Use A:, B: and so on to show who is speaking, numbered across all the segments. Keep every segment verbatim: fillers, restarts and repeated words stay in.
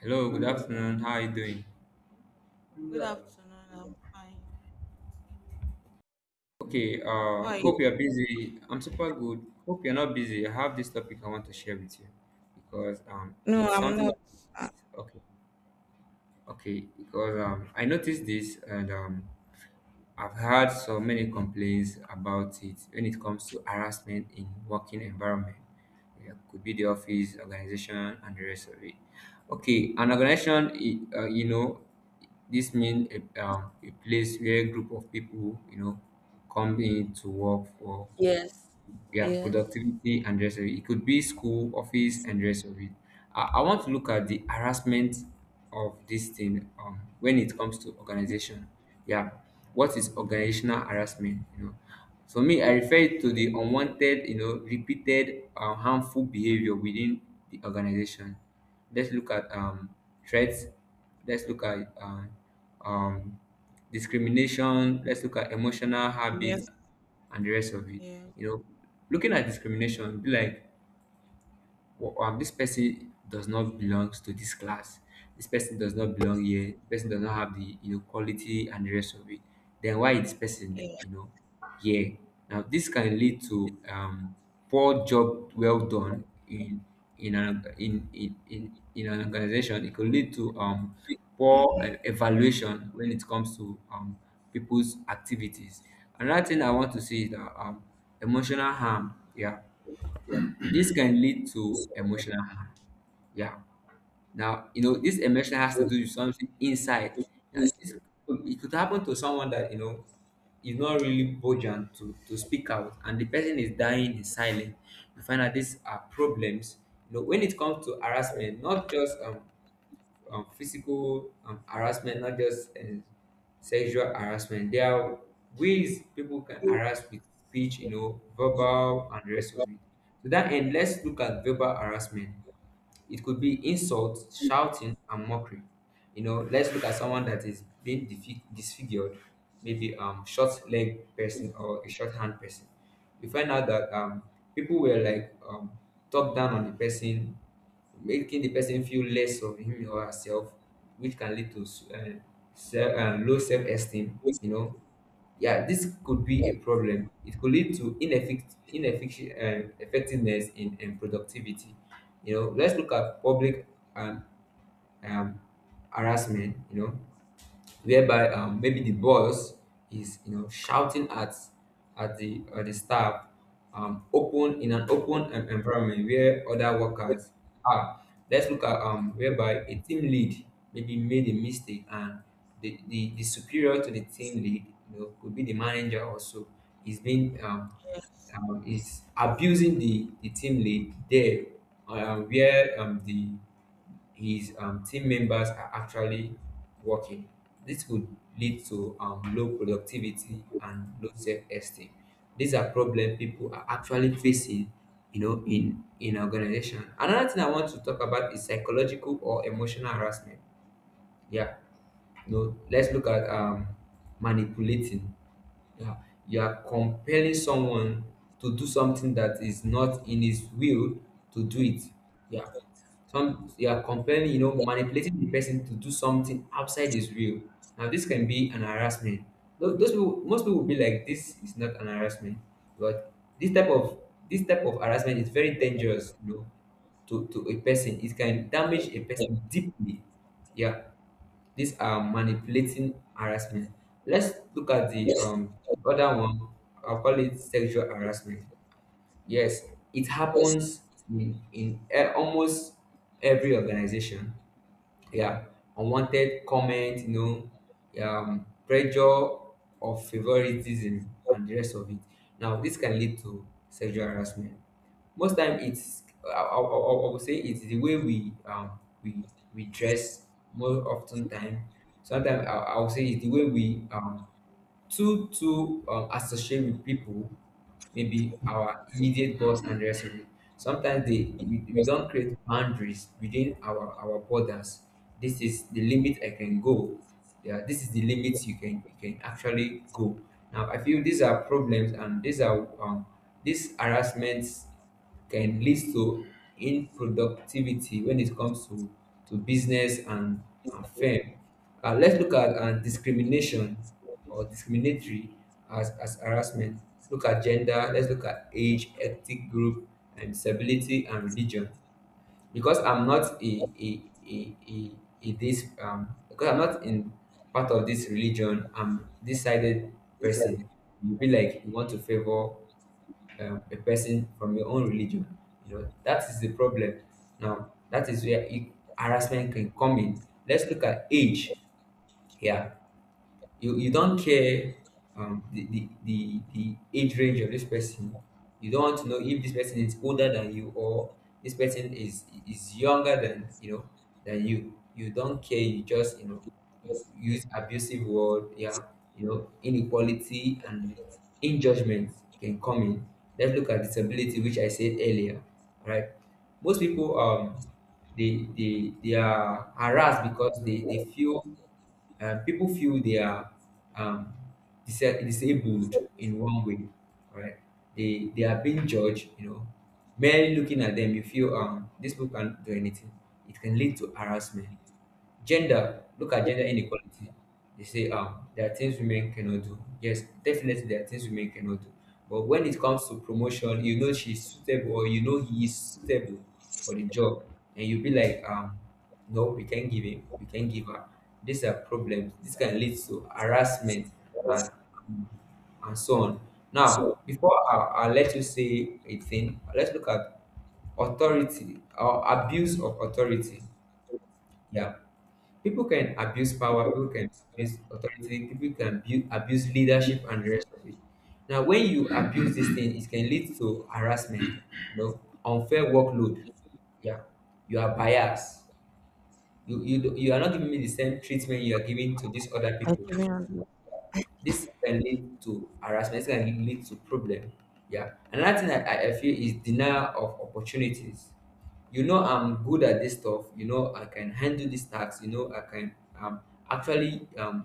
A: Hello, good afternoon. How are you doing?
B: Good afternoon. I'm fine.
A: Okay, uh,
B: Hi.
A: hope you're busy. I'm super good. Hope you're not busy. I have this topic I want to share with you because um,
B: No,
A: it's
B: I'm
A: something
B: not.
A: that okay, okay, because um, I noticed this and um, I've had so many complaints about it when it comes to harassment in working environment. Yeah, it could be the office, organization, and the rest of it. Okay, an organization, i- uh, you know, this means a, um, a place where a group of people, you know, come in to work for yeah productivity and the rest of it. It could be school, office and the rest of it. i, I want to look at the harassment of this thing, um, when it comes to organization, yeah. What is organizational harassment, you know? For me, I refer it to the unwanted, you know, repeated, uh, harmful behavior within the organization. Let's look at um, threats. Let's look at um, um, discrimination. Let's look at emotional habits
B: Yes.
A: and the rest of it.
B: Yes.
A: You know, looking at discrimination, be like, well, um, this person does not belong to this class. This person does not belong here. This person does not have the, you know, quality and the rest of it. Then why is this person, you know, here? Now this can lead to um, poor job well done in in an in in, in, in an organization. It could lead to um, poor uh, evaluation when it comes to um, people's activities. Another thing I want to say is that um, emotional harm. Yeah, this can lead to emotional harm. Yeah. Now, you know, this emotion has to do with something inside. Now, this, could- it could happen to someone that, you know, is not really bojan to, to speak out and the person is dying in silence. You find out these are problems. You know, when it comes to harassment, not just um, um, physical um, harassment, not just uh, sexual harassment. There are ways people can harass with speech, you know, verbal and the rest of it. To that end, let's look at verbal harassment. It could be insult, shouting, and mockery. You know, let's look at someone that is being defi- disfigured, maybe um short leg person or a short hand person. You find out that um people were like, um talk down on the person, making the person feel less of him or herself, which can lead to s- uh, se- uh, low self esteem. You know, yeah, this could be a problem. It could lead to ineffic- ineffic- um, effectiveness in, in productivity. You know, let's look at public and um, harassment. You know, whereby um, maybe the boss is, you know, shouting at at the uh, the staff, um, open in an open um, environment where other workers are. Let's look at um, whereby a team lead maybe made a mistake and the, the, the superior to the team lead, you know, could be the manager also, is being um,
B: Yes.
A: um, is abusing the, the team lead there, um, where um, the his um, team members are actually working. This could lead to um, low productivity and low self-esteem. These are problems people are actually facing, you know, in in organization. Another thing I want to talk about is psychological or emotional harassment. Yeah, you know, let's look at um, manipulating. Yeah, you are compelling someone to do something that is not in his will to do it. Yeah, some you are compelling, you know, manipulating the person to do something outside his will. Now, this can be an harassment. Tho- Those people, most people will be like, this is not an harassment, but this type of this type of harassment is very dangerous, you know, to, to a person. It can damage a person deeply. Yeah, these are manipulating harassment. Let's look at the um other one. I'll call it sexual harassment. Yes, it happens in, in e- almost every organization. Yeah, unwanted comment, you know, um, pressure of favoritism and the rest of it. Now, this can lead to sexual harassment. Most time, it's I, I, I I would say it's the way we um we we dress, more often time. Sometimes, I, I would say it's the way we um too too um, associate with people, maybe our immediate boss and the rest of it. Sometimes, they we, we don't create boundaries within our our borders. This is the limit I can go. Yeah, this is the limit you can you can actually go. Now I feel these are problems and these are um these harassments can leads to productivity when it comes to to business and and firm. Uh, let's look at uh, discrimination or discriminatory as, as harassment. Look at gender. Let's look at age, ethnic group, and disability and religion. Because I'm not a a a, a, a this um because I'm not in part of this religion. I'm decided
B: Yes.
A: person. You be like you want to favor um, a person from your own religion. You know, that is the problem. Now, that is where it, harassment can come in. Let's look at age, yeah. you you don't care um the, the the the age range of this person. You don't want to know if this person is older than you or this person is is younger than, you know, than you. You don't care, you just, you know, you use abusive word, yeah. You know, inequality and in judgment can come in. Let's look at disability, which I said earlier, right. Most people, um they they they are harassed because they they feel, uh, people feel they are um, disa- disabled in one way, right? They they are being judged. You know, merely looking at them, you feel, um, this book can't do anything. It can lead to harassment. Gender, look at gender inequality. They say um there are things women cannot do. Yes, definitely there are things women cannot do. But when it comes to promotion, you know, she's suitable, or you know, he is suitable for the job, and you'll be like, um, no, we can't give him, we can't give her. These are problems. This can lead to harassment and and so on. Now, before I, I let you say a thing, let's look at authority or abuse of authority. Yeah. People can abuse power, people can abuse authority, people can abu- abuse leadership and the rest of it. Now, when you abuse this thing, it can lead to harassment, you know, unfair workload. Yeah, you are biased. You, you, do- you are not giving me the same treatment you are giving to these other
B: I
A: people.
B: can remember.
A: This can lead to harassment. This can lead to problem. Yeah. Another thing that I, I feel is denial of opportunities. You know, I'm good at this stuff. You know, I can handle this task. You know, I can um actually um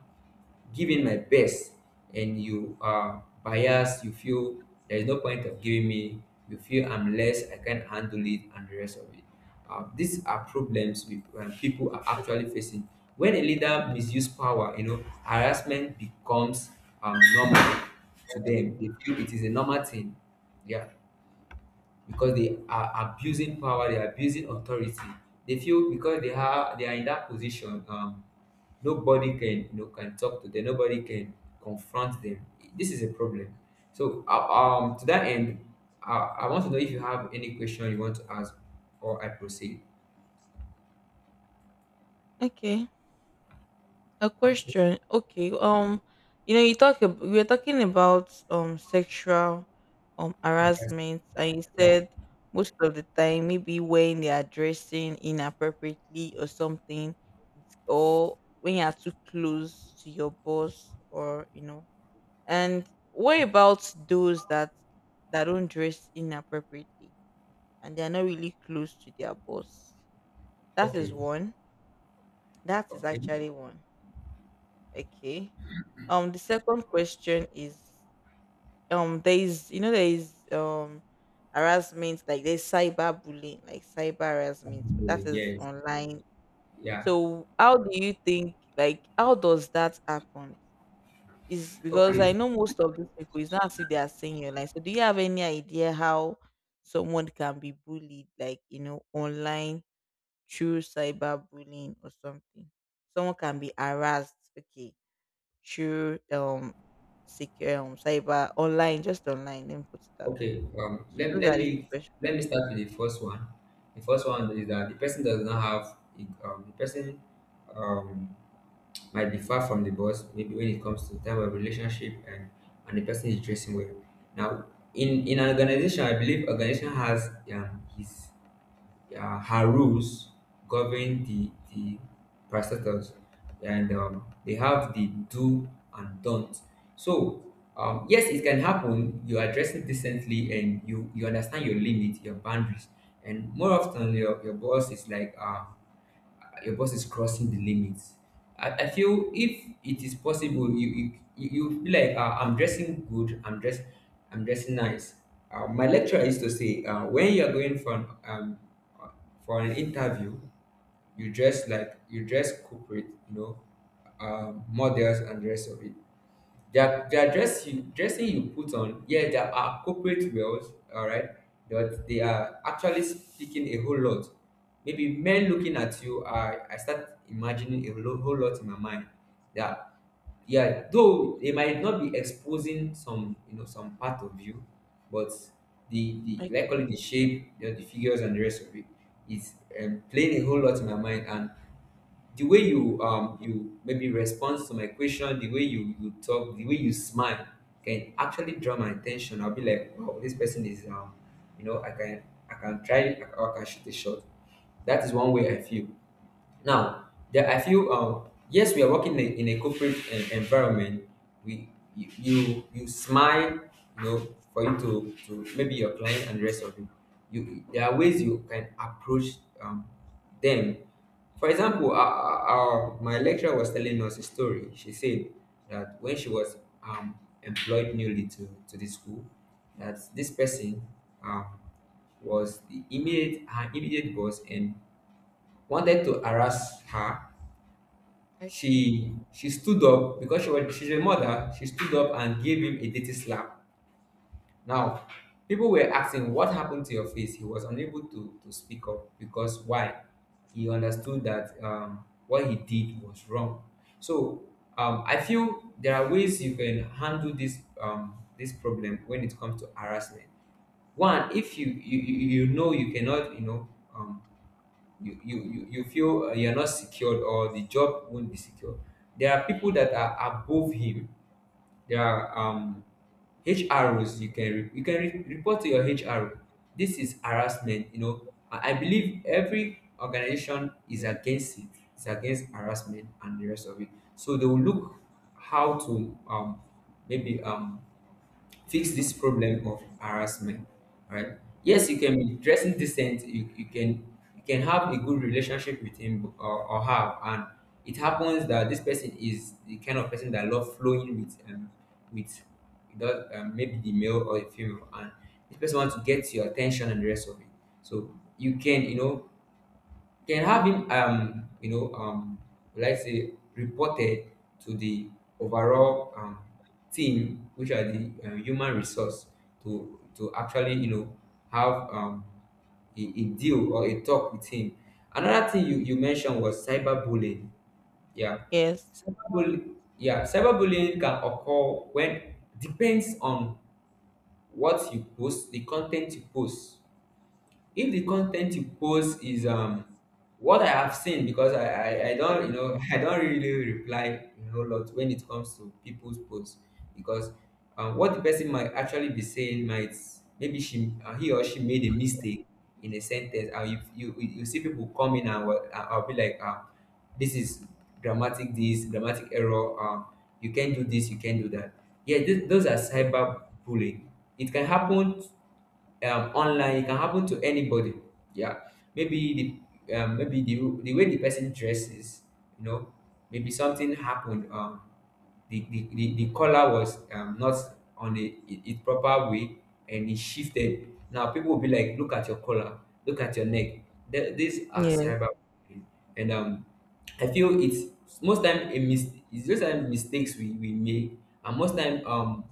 A: giving my best, and you are biased, you feel there is no point of giving me, you feel I'm less, I can't handle it and the rest of it. Uh, these are problems we, um, people are actually facing. When a leader misuse power, you know, harassment becomes um, normal to them. They feel it is a normal thing, yeah, because they are abusing power, they are abusing authority. They feel because they are they are in that position, um, nobody can, you know, can talk to them, nobody can confront them. This is a problem. So uh, um to that end, I, I want to know if you have any question you want to ask or I proceed.
B: Okay. A
A: Okay.
B: question. Okay. Um, you know, you talk. ab- We were talking about um sexual um
A: I guess,
B: harassment, and you
A: yeah.
B: said most of the time, maybe when they are dressing inappropriately or something, or when you are too close to your boss, or you know, and what about those that that don't dress inappropriately and they're not really close to their boss? That is
A: Okay.
B: one. That is
A: Okay.
B: actually one. Okay. Um the second question is um there is you know there is um harassment, like there's cyber bullying, like cyber harassment. That is
A: Yes.
B: online.
A: Yeah.
B: So how do you think, like how does that happen? Is because I
A: Okay.
B: know most of these people, it's not as if they are saying online. So do you have any idea how someone can be bullied, like, you know, online through cyberbullying or something? Someone can be harassed, okay, through um secure um cyber online, just online, let me put it that way.
A: Okay, um, let,
B: So those are
A: let
B: the two
A: me
B: questions.
A: let me start with the first one. The first one is that the person does not have um, the person um, might be far from the boss, maybe when it comes to time of relationship, and and the person is dressing well. Now, in in an organization, I believe organization has um, his uh, her rules govern the the parastatals, and um, they have the do and don't. So, um, yes, it can happen. You address it decently and you you understand your limit, your boundaries, and more often your, your boss is like, uh, your boss is crossing the limits. I, I feel, if it is possible, you you, you you feel like, uh, I'm dressing good, I'm dress, I'm dressing nice. Uh, my lecturer used to say, uh, when you are going for an, um, for an interview, you dress like you dress corporate, you know, um, models and the rest of it, their their dress you, dressing you put on. Yeah, they are corporate girls, all right, but they are actually speaking a whole lot. Maybe men looking at you, i i start imagining a lo- whole lot in my mind. That Yeah, though they might not be exposing some, you know, some part of you, but the the likely
B: Okay.
A: the shape, you know, the figures and the rest of it is um, playing a whole lot in my mind. And the way you um you maybe respond to my question, the way you you talk, the way you smile can actually draw my attention. I'll be like, wow, this person is um you know, I can, I can try, I can, I can shoot a shot. That is one way I feel. Now, there are few. Um, yes, we are working in a, in a corporate en- environment. We you, you you smile, you know, for you to to maybe your client and the rest of you. You there are ways you can approach um, them. For example, our, our, my lecturer was telling us a story. She said that when she was um, employed newly to, to the school, that this person, um, was the immediate her immediate boss and wanted to harass her.
B: Okay.
A: She she stood up because she was, she's a mother. She stood up and gave him a dirty slap. Now, people were asking what happened to your face. He was unable to to speak up because why? He understood that, um, what he did was wrong. So um, I feel there are ways you can handle this, um, this problem when it comes to harassment. One, if you you, you you know you cannot, you know, um, you you you you feel uh, you're not secured, or the job won't be secure. There are people that are above him. There are um H R Os you can re- you can re- report to your H R O. This is harassment. You know, I I believe every organization is against it. It's against harassment and the rest of it. So they will look how to um maybe um fix this problem of harassment, right?
B: Okay.
A: Yes, you can be dressing decent. You, you can, you can have a good relationship with him, or, or her. And it happens that this person is the kind of person that love flowing with um with, that um, maybe the male or the female, and this person wants to get your attention and the rest of it. So you can, you know, can have him, um you know, um like say reported to the overall um team, which are the uh, human resource, to to actually, you know, have um a, a deal or a talk with him. Another thing you, you mentioned was cyberbullying. Yeah.
B: Yes.
A: Cyberbullying, yeah, cyberbullying can occur when, depends on what you post, the content you post. If the content you post is um what I have seen, because I, I, I don't, you know, I don't really reply, you know, a lot when it comes to people's posts. Because um, what the person might actually be saying might, maybe she uh, he or she made a mistake in a sentence. And you you, you see people coming, and what I'll be like, um this is grammatic this grammatic error, um you can't do this, you can't do that. Yeah, th- those are cyber bullying. It can happen um, online. It can happen to anybody. Yeah, maybe the, um, maybe the the way the person dresses, you know, maybe something happened. Um, the the, the, the collar was, um, not on the, it, it proper way, and it shifted. Now people will be like, look at your collar, look at your neck. Th- these are
B: Yeah.
A: cyberbullying. And um I feel it's most time a mis- it's just time mistakes we, we make. And most time um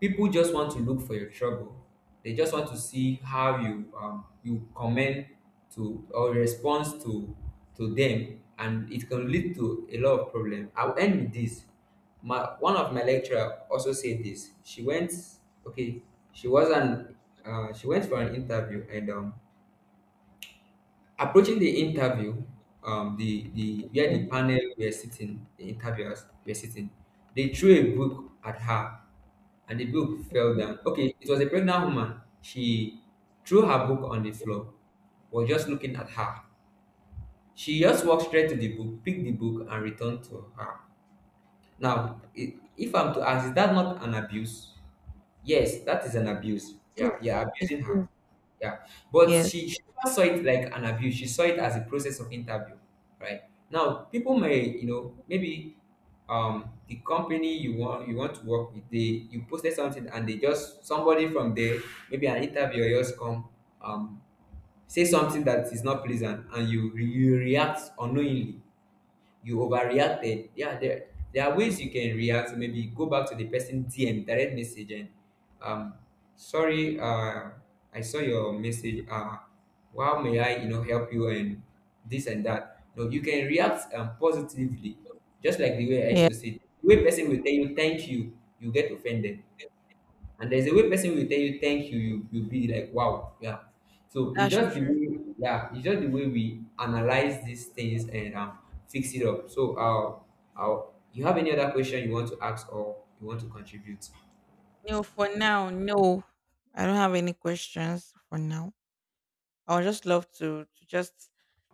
A: people just want to look for your trouble. They just want to see how you um you comment to or response to to them. And it can lead to a lot of problem. I'll end with this. My One of my lecturer also said this. She went, okay, she was an, uh, she went for an interview. And um approaching the interview, um the the where the
B: Okay.
A: panel were sitting, the interviewers were sitting, they threw a book at her, and the book fell
B: Okay.
A: down. Okay, it was a pregnant woman. She threw her book on the floor. Was just looking at her. She just walked straight to the book, picked the book, and returned to her. Now, i- if I'm to ask, is that not an abuse? Yes, that is an abuse.
B: Yes.
A: Yeah, yeah,
B: It
A: abusing her.
B: is.
A: Yeah. But
B: Yes.
A: she, she never saw it like an abuse. She saw it as a process of interview, right? Now, people may, you know, maybe um the company you want you want to work with, they, you posted something and they just, somebody from there, maybe an interviewer just come, um say something that is not pleasant, and you you react unknowingly, you overreacted. Yeah, there there are ways you can react. So maybe go back to the person D M, direct message, and, um, sorry, uh, I saw your message. Uh, how may I, you know, help you, and this and that. No, you can react, um, positively, just like the way I used
B: Yeah.
A: to say. The way person will tell you thank you, you get offended, and there's a way person will tell you thank you, you you'll be like, wow, yeah. So it's
B: That's
A: just the
B: true.
A: way, yeah, it's just the way we analyze these things. And um fix it up. So uh, uh you have any other question you want to ask, or you want to contribute?
B: No, for now, no. I don't have any questions for now. I would just love to to just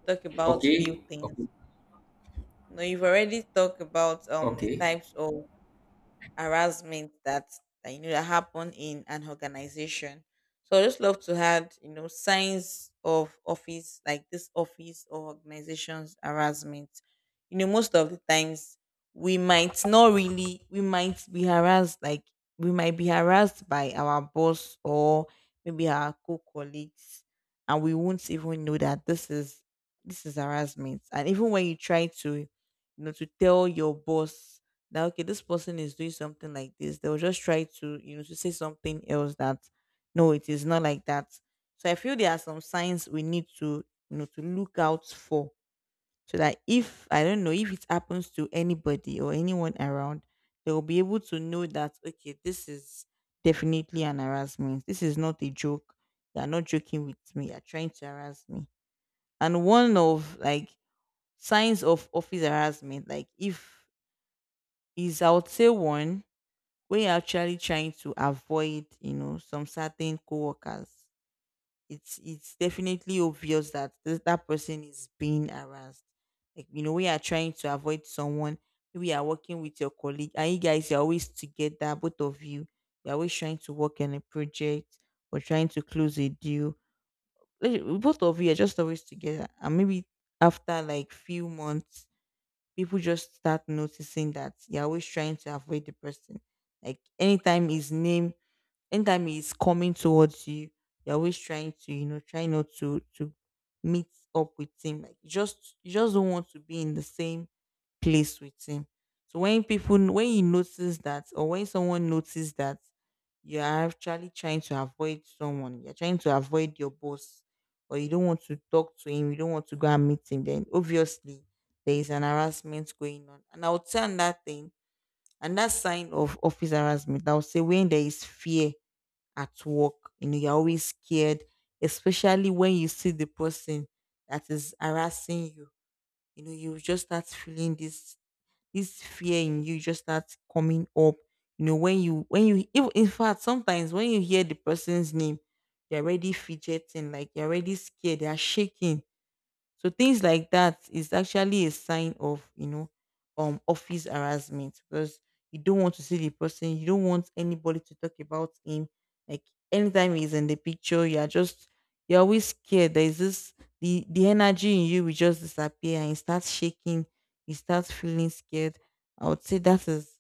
B: talk about few
A: Okay.
B: things.
A: Okay.
B: You know, you've already talked about um the
A: Okay.
B: types of harassment that, that you know, that happen in an organization. So I just love to add, you know, signs of office, like this office or organizations harassment. You know, most of the times, we might not really we might be harassed like we might be harassed by our boss, or maybe our co-colleagues, and we won't even know that this is this is harassment. And even when you try to you know to tell your boss that, okay, this person is doing something like this, they'll just try to you know to say something else, that no, it is not like that. So I feel there are some signs we need to you know to look out for, so that, if I don't know, if it happens to anybody or anyone around, they'll be able to know that, okay, this is definitely an harassment, this is not a joke. They are not joking with me. They are trying to harass me. And one of, like, signs of office harassment, like if is I would say one, when you're actually trying to avoid, you know, some certain coworkers, it's it's definitely obvious that this, that person is being harassed. Like, you know, we are trying to avoid someone. Maybe you are working with your colleague and you guys, you're always together, both of you, you're always trying to work on a project or trying to close a deal. Like, both of you are just always together, and maybe after, like, few months, people just start noticing that you're always trying to avoid the person. Like anytime his name, anytime he's coming towards you, you're always trying to, you know, try not to to meet up with him. Like, you just, you just don't want to be in the same place with him. So when people, when you notice that, or when someone notices that you're actually trying to avoid someone, you're trying to avoid your boss, or you don't want to talk to him, you don't want to go and meet him, then obviously there is an harassment going on. And I would say on that thing and that sign of office harassment, I would say when there is fear at work. You know, you're always scared, especially when you see the person that is harassing you. You know, you just start feeling this this fear in you just start coming up. You know, when you when you if, in fact, sometimes when you hear the person's name, you're already fidgeting, like you're already scared, you're shaking. So things like that is actually a sign of, you know, um office harassment, because you don't want to see the person, you don't want anybody to talk about him. Like, anytime he's in the picture, you are just, you're always scared. There's this, the the energy in you will just disappear, and you start shaking, you start feeling scared. I would say that is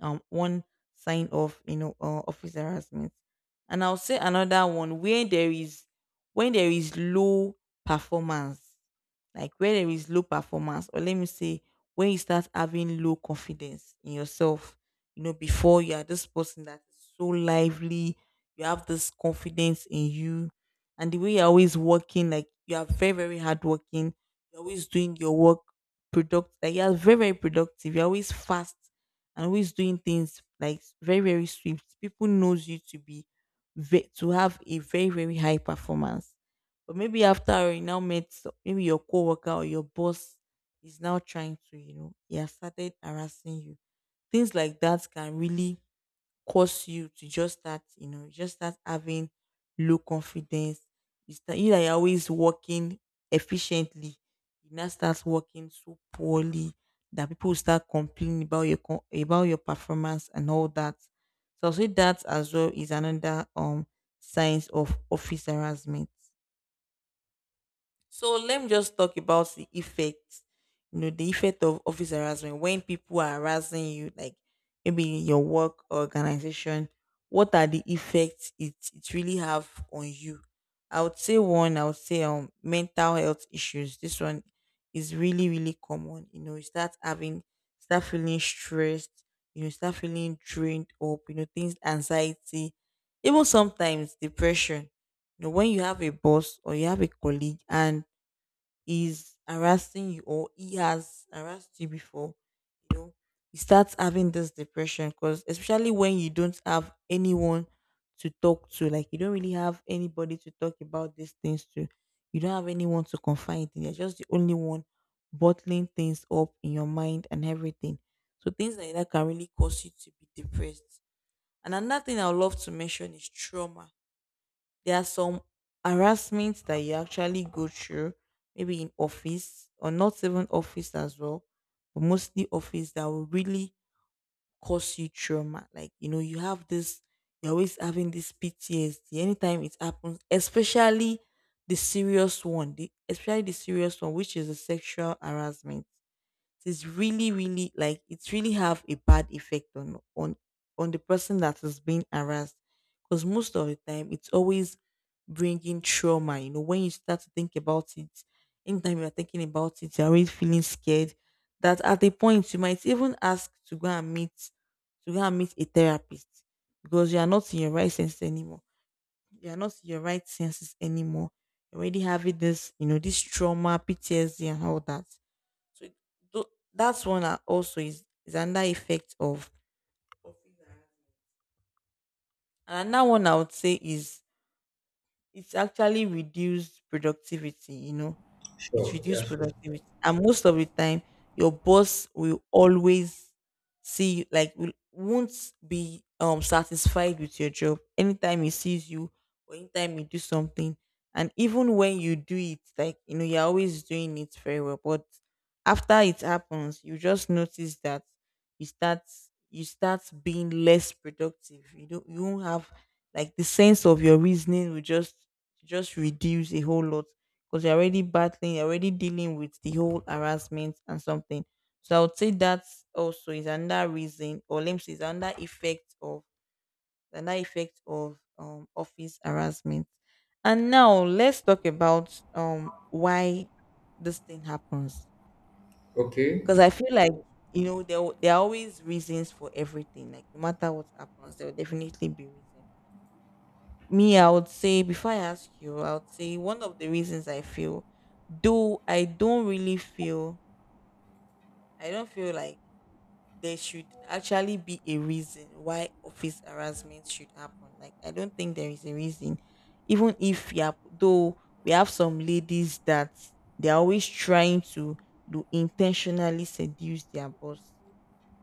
B: um one sign of, you know, uh, office harassment. And I'll say another one where there is, when there is low performance. Like where there is low performance, or let me say, when you start having low confidence in yourself. You know, before, you are this person that is so lively, you have this confidence in you, and the way you're always working, like you are very, very hardworking, you're always doing your work, product like you're very, very productive, you're always fast, and always doing things like very, very swift. People knows you to be ve- to have a very, very high performance. But maybe after you now met so- maybe your coworker or your boss is now trying to, you know, he has started harassing you. Things like that can really cause you to just start, you know, you just start having low confidence. You start, you that you're always working efficiently, you now start working so poorly that people will start complaining about your co- about your performance and all that. So I would say that as well is another um signs of office harassment. So let me just talk about the effect, you know, the effect of office harassment when people are harassing you, like, maybe in your work or organization. What are the effects it, it really have on you? I would say one, I would say um mental health issues. This one is really, really common. You know, you start having, start feeling stressed. You know, start feeling drained up. You know, things, anxiety, even sometimes depression. You know, when you have a boss or you have a colleague and is harassing you, or he has harassed you before, you know, you start having this depression, because especially when you don't have anyone to talk to, like you don't really have anybody to talk about these things to. You don't have anyone to confide in. You're just the only one bottling things up in your mind and everything. So things like that can really cause you to be depressed. And another thing I would love to mention is trauma. There are some harassments that you actually go through, maybe in office or not even office as well, but mostly office, that will really cause you trauma. Like, you know, you have this, you're always having this P T S D anytime it happens, especially the serious one, the, especially the serious one, which is the sexual harassment. It's really, really, like, it's really have a bad effect on on on the person that is being harassed, because most of the time, it's always bringing trauma. You know, when you start to think about it, anytime you're thinking about it, you're already feeling scared, that at a point you might even ask to go and meet, to go and meet a therapist, because you are not in your right senses anymore, you are not in your right senses anymore. You're already having this, you know, this trauma, P T S D, and all that. so it- tho- that's one, that also is, is another effect of. And another one I would say is, it's actually reduced productivity, you know. It
A: Sure, yeah,
B: reduces
A: sure.
B: productivity, and most of the time your boss will always see you, like will, won't be um satisfied with your job anytime he sees you, or anytime you do something. And even when you do it, like, you know, you're always doing it very well, but after it happens, you just notice that you start, you start being less productive, you don't, you won't have, like, the sense of your reasoning will just just reduce a whole lot, because you're already battling, you're already dealing with the whole harassment and something. So I would say that also is another reason, or let me say, is another effect of, another effect of um office harassment. And now let's talk about um why this thing happens.
A: Okay.
B: Because I feel like, you know, there w- there are always reasons for everything. Like no matter what happens, there will definitely be reason. Me, i would say before i ask you, i would say one of the reasons i feel, though i don't really feel, i don't feel like there should actually be a reason why office harassment should happen. Like i don't think there is a reason. Even if, yeah, though we have some ladies that they're always trying to do, intentionally seduce their boss,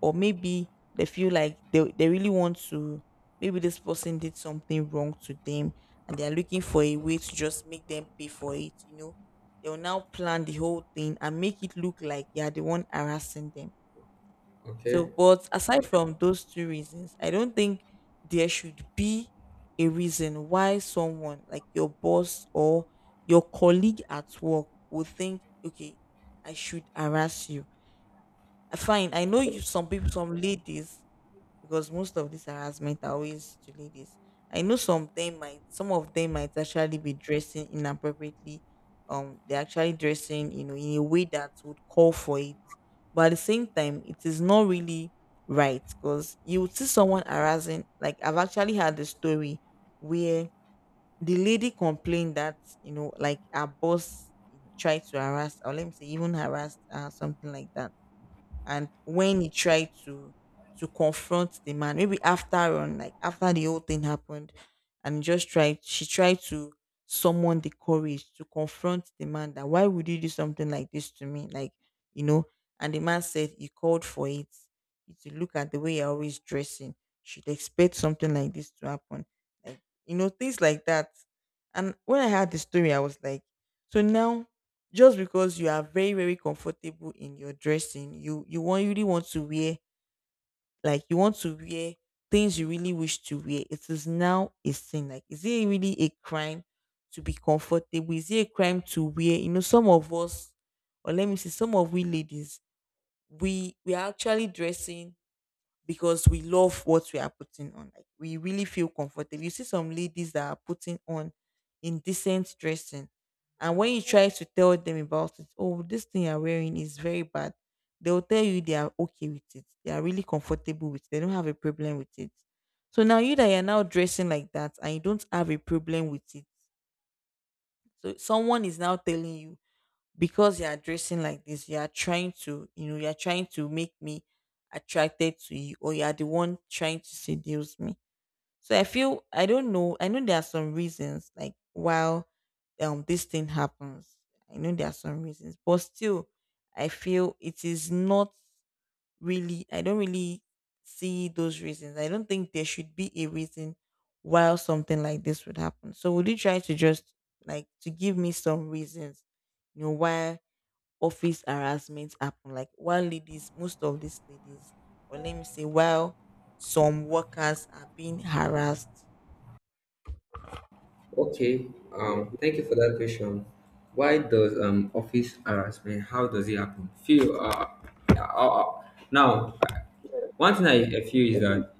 B: or maybe they feel like they, they really want to, maybe this person did something wrong to them and they're looking for a way to just make them pay for it you know They'll now plan the whole thing and make it look like they are the one harassing them. So
A: Okay.
B: but aside from those two reasons, i don't think there should be a reason why someone like your boss or your colleague at work would think, okay, i should harass you. Uh, fine i know you, some people, some ladies, because most of this harassment are always to ladies. I know some them might, some of them might actually be dressing inappropriately. Um they're actually dressing, you know, in a way that would call for it. But at the same time, it is not really right, because you would see someone harassing. Like I've actually had the story where the lady complained that, you know, like her boss, you know, tried to harass, or let me say, even harassed her, something like that. And when he tried to to confront the man, maybe after on, like after the whole thing happened, and just tried, she tried to summon the courage to confront the man that, why would you do something like this to me? Like, you know. And the man said he called for it. If you look at the way you're always dressing, should expect something like this to happen. Like, you know, things like that. And when i heard the story, i was like, so now, just because you are very very comfortable in your dressing, you you want, you really want to wear, like you want to wear things you really wish to wear, it is now a sin? Like, is it really a crime to be comfortable? Is it a crime to wear, you know, some of us, or let me see, some of we ladies, we we are actually dressing because we love what we are putting on. Like we really feel comfortable. You see some ladies that are putting on indecent dressing, and when you try to tell them about it, oh, this thing you're wearing is very bad. They'll tell you they are okay with it. They are really comfortable with it. They don't have a problem with it. So now you that you're now dressing like that and you don't have a problem with it. So someone is now telling you, because you are dressing like this, you are trying to, you know, you are trying to make me attracted to you, or you are the one trying to seduce me. So I feel, I don't know, I know there are some reasons like while um this thing happens. I know there are some reasons, but still, I feel it is not really. I don't really see those reasons. I don't think there should be a reason while something like this would happen. So would you try to just, like, to give me some reasons, you know, why office harassment happen. Like, while ladies, most of these ladies, or let me say, while some workers are being harassed.
A: Okay. Um, thank you for that question. Why does um office harassment? How does it happen? Feel uh, uh, uh now one thing I, I feel is that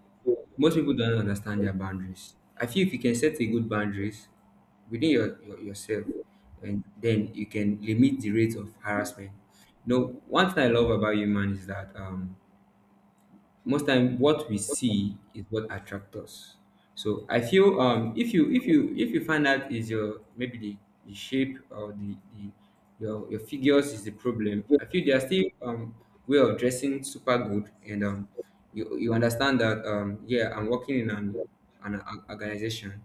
A: most people don't understand their boundaries. I feel if you can set a good boundaries within your, your yourself, and then you can limit the rate of harassment. You know, one thing I love about human is that, um, most time what we see is what attracts us. So I feel um if you if you if you find out is your, maybe the, the shape, or the, the your your figures is the problem, I feel there are still um way of dressing super good. And um you, you understand that, um yeah, I'm working in an an, an organization.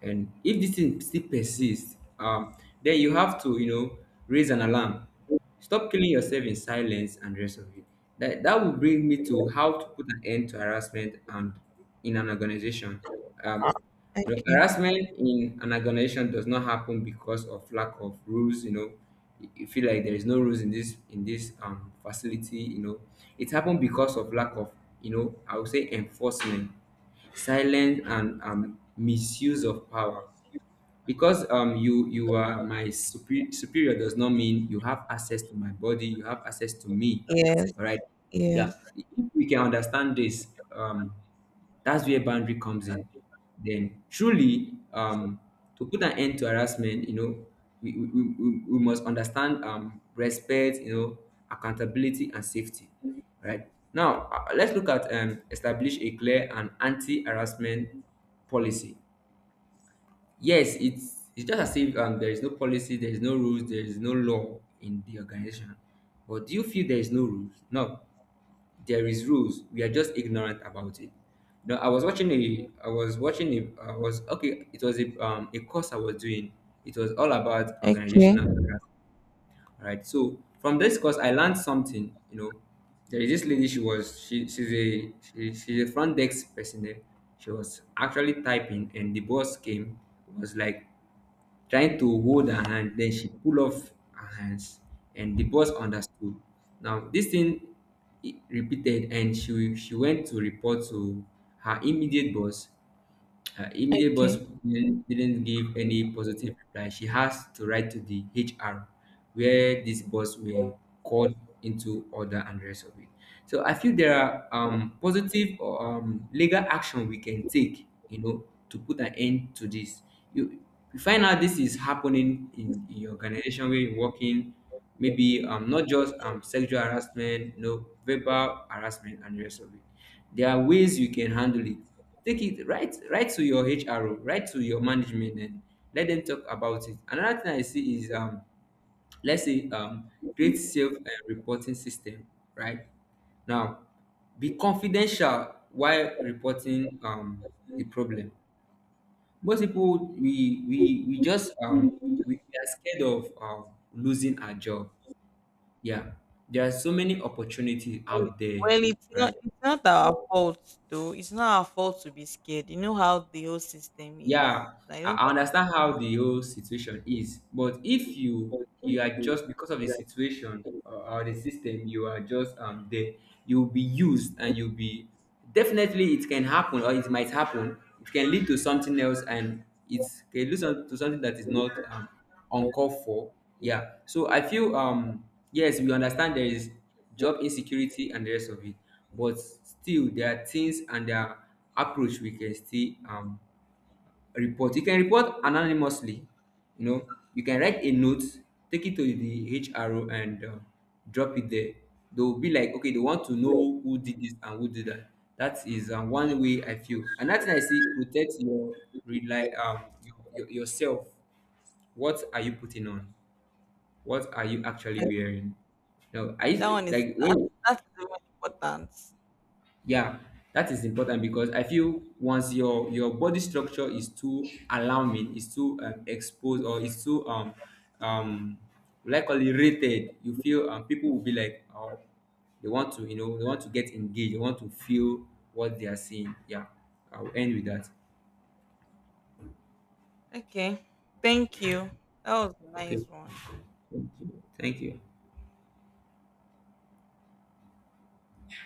A: And if this thing still persists, um then you have to, you know, raise an alarm. Stop killing yourself in silence and rest of it. That, that will bring me to how to put an end to harassment and in an organization. Um, you know,
B: Okay.
A: harassment in an organization does not happen because of lack of rules. You know, you you feel like there is no rules in this in this um facility. You know, it happened because of lack of, you know, I would say enforcement, silence, and um misuse of power. Because um you you are my superior, superior does not mean you have access to my body, you have access to me,
B: Yes.
A: all right? Yeah,
B: Yes.
A: if we can understand this, um that's where boundary comes in. Then truly, um to put an end to harassment, you know, we we, we, we we must understand um respect, you know, accountability and safety, right? Now, uh, let's look at, um establish a clear and anti-harassment policy. Yes, it's it's just as if, um, there is no policy, there is no rules, there is no law in the organization. But do you feel there is no rules? No, there is rules. We are just ignorant about it. No, I was watching a, I was watching a, I was, okay, it was a, um a course I was doing. It was all about
B: Okay.
A: organizational hierarchy. All right. So from this course, I learned something. You know, there is this lady. She was, she she's a she, she's a front desk person there. She was actually typing, and the boss came, was like trying to hold her hand, then she pull off her hands, and the boss understood. Now this thing, i- repeated. And she she went to report to her immediate boss. Her immediate boss
B: Okay.
A: didn't didn't give any positive reply. She has to write to the H R, where this boss were call into order and the rest of it. So I feel there are, um, positive or, um, legal action we can take, you know, to put an end to this. You, you find out this is happening in, in your organization where you're working, maybe, um, not just, um, sexual harassment, no, verbal harassment and the rest of it. There are ways you can handle it. Take it right right to your H R O, right to your management, and let them talk about it. Another thing I see is, um let's say, um create
B: Well,
A: self, uh, reporting system, right? Now, be confidential while reporting, um the problem. Most people, we we we just, um we we are scared of, um losing our job. Yeah, there are so many opportunities out there,
B: well, it's not,
A: right?
B: it's not our fault though. It's not our fault to be scared. You know how the whole system is.
A: Yeah, i
B: I don't
A: I
B: think.
A: understand how the whole situation is. But if you you are just because of the situation, or, or the system, you are just, um there, you'll be used, and you'll be, definitely, it can happen, or it might happen, it can lead to something else. And it can lead some- to something that is not, um, uncalled for. Yeah, so I feel, um yes, we understand there is job insecurity and the rest of it. But still, there are things, and there are approach we can still, um report. You can report anonymously. You know, you can write a note, take it to the H R O, and, uh, drop it there. They'll be like, okay, they want to know who did this and who did that. That is, uh, one way I feel. Another thing I see, protect your rely, um your, your yourself. What are you putting on? What are you actually
B: And
A: wearing? No, I
B: that one
A: used-
B: is
A: like
B: that,
A: when,
B: that's the most important.
A: yeah, that is important. Because I feel once your your body structure is too alarming, is too, um, exposed, or is too, um um likely rated, you feel, um, people will be like, oh, they want to, you know, they want to get engaged, they want to feel what they are seeing. Yeah, I'll end with that.
B: Okay. Thank you. That was a
A: Okay,
B: nice one.
A: thank you.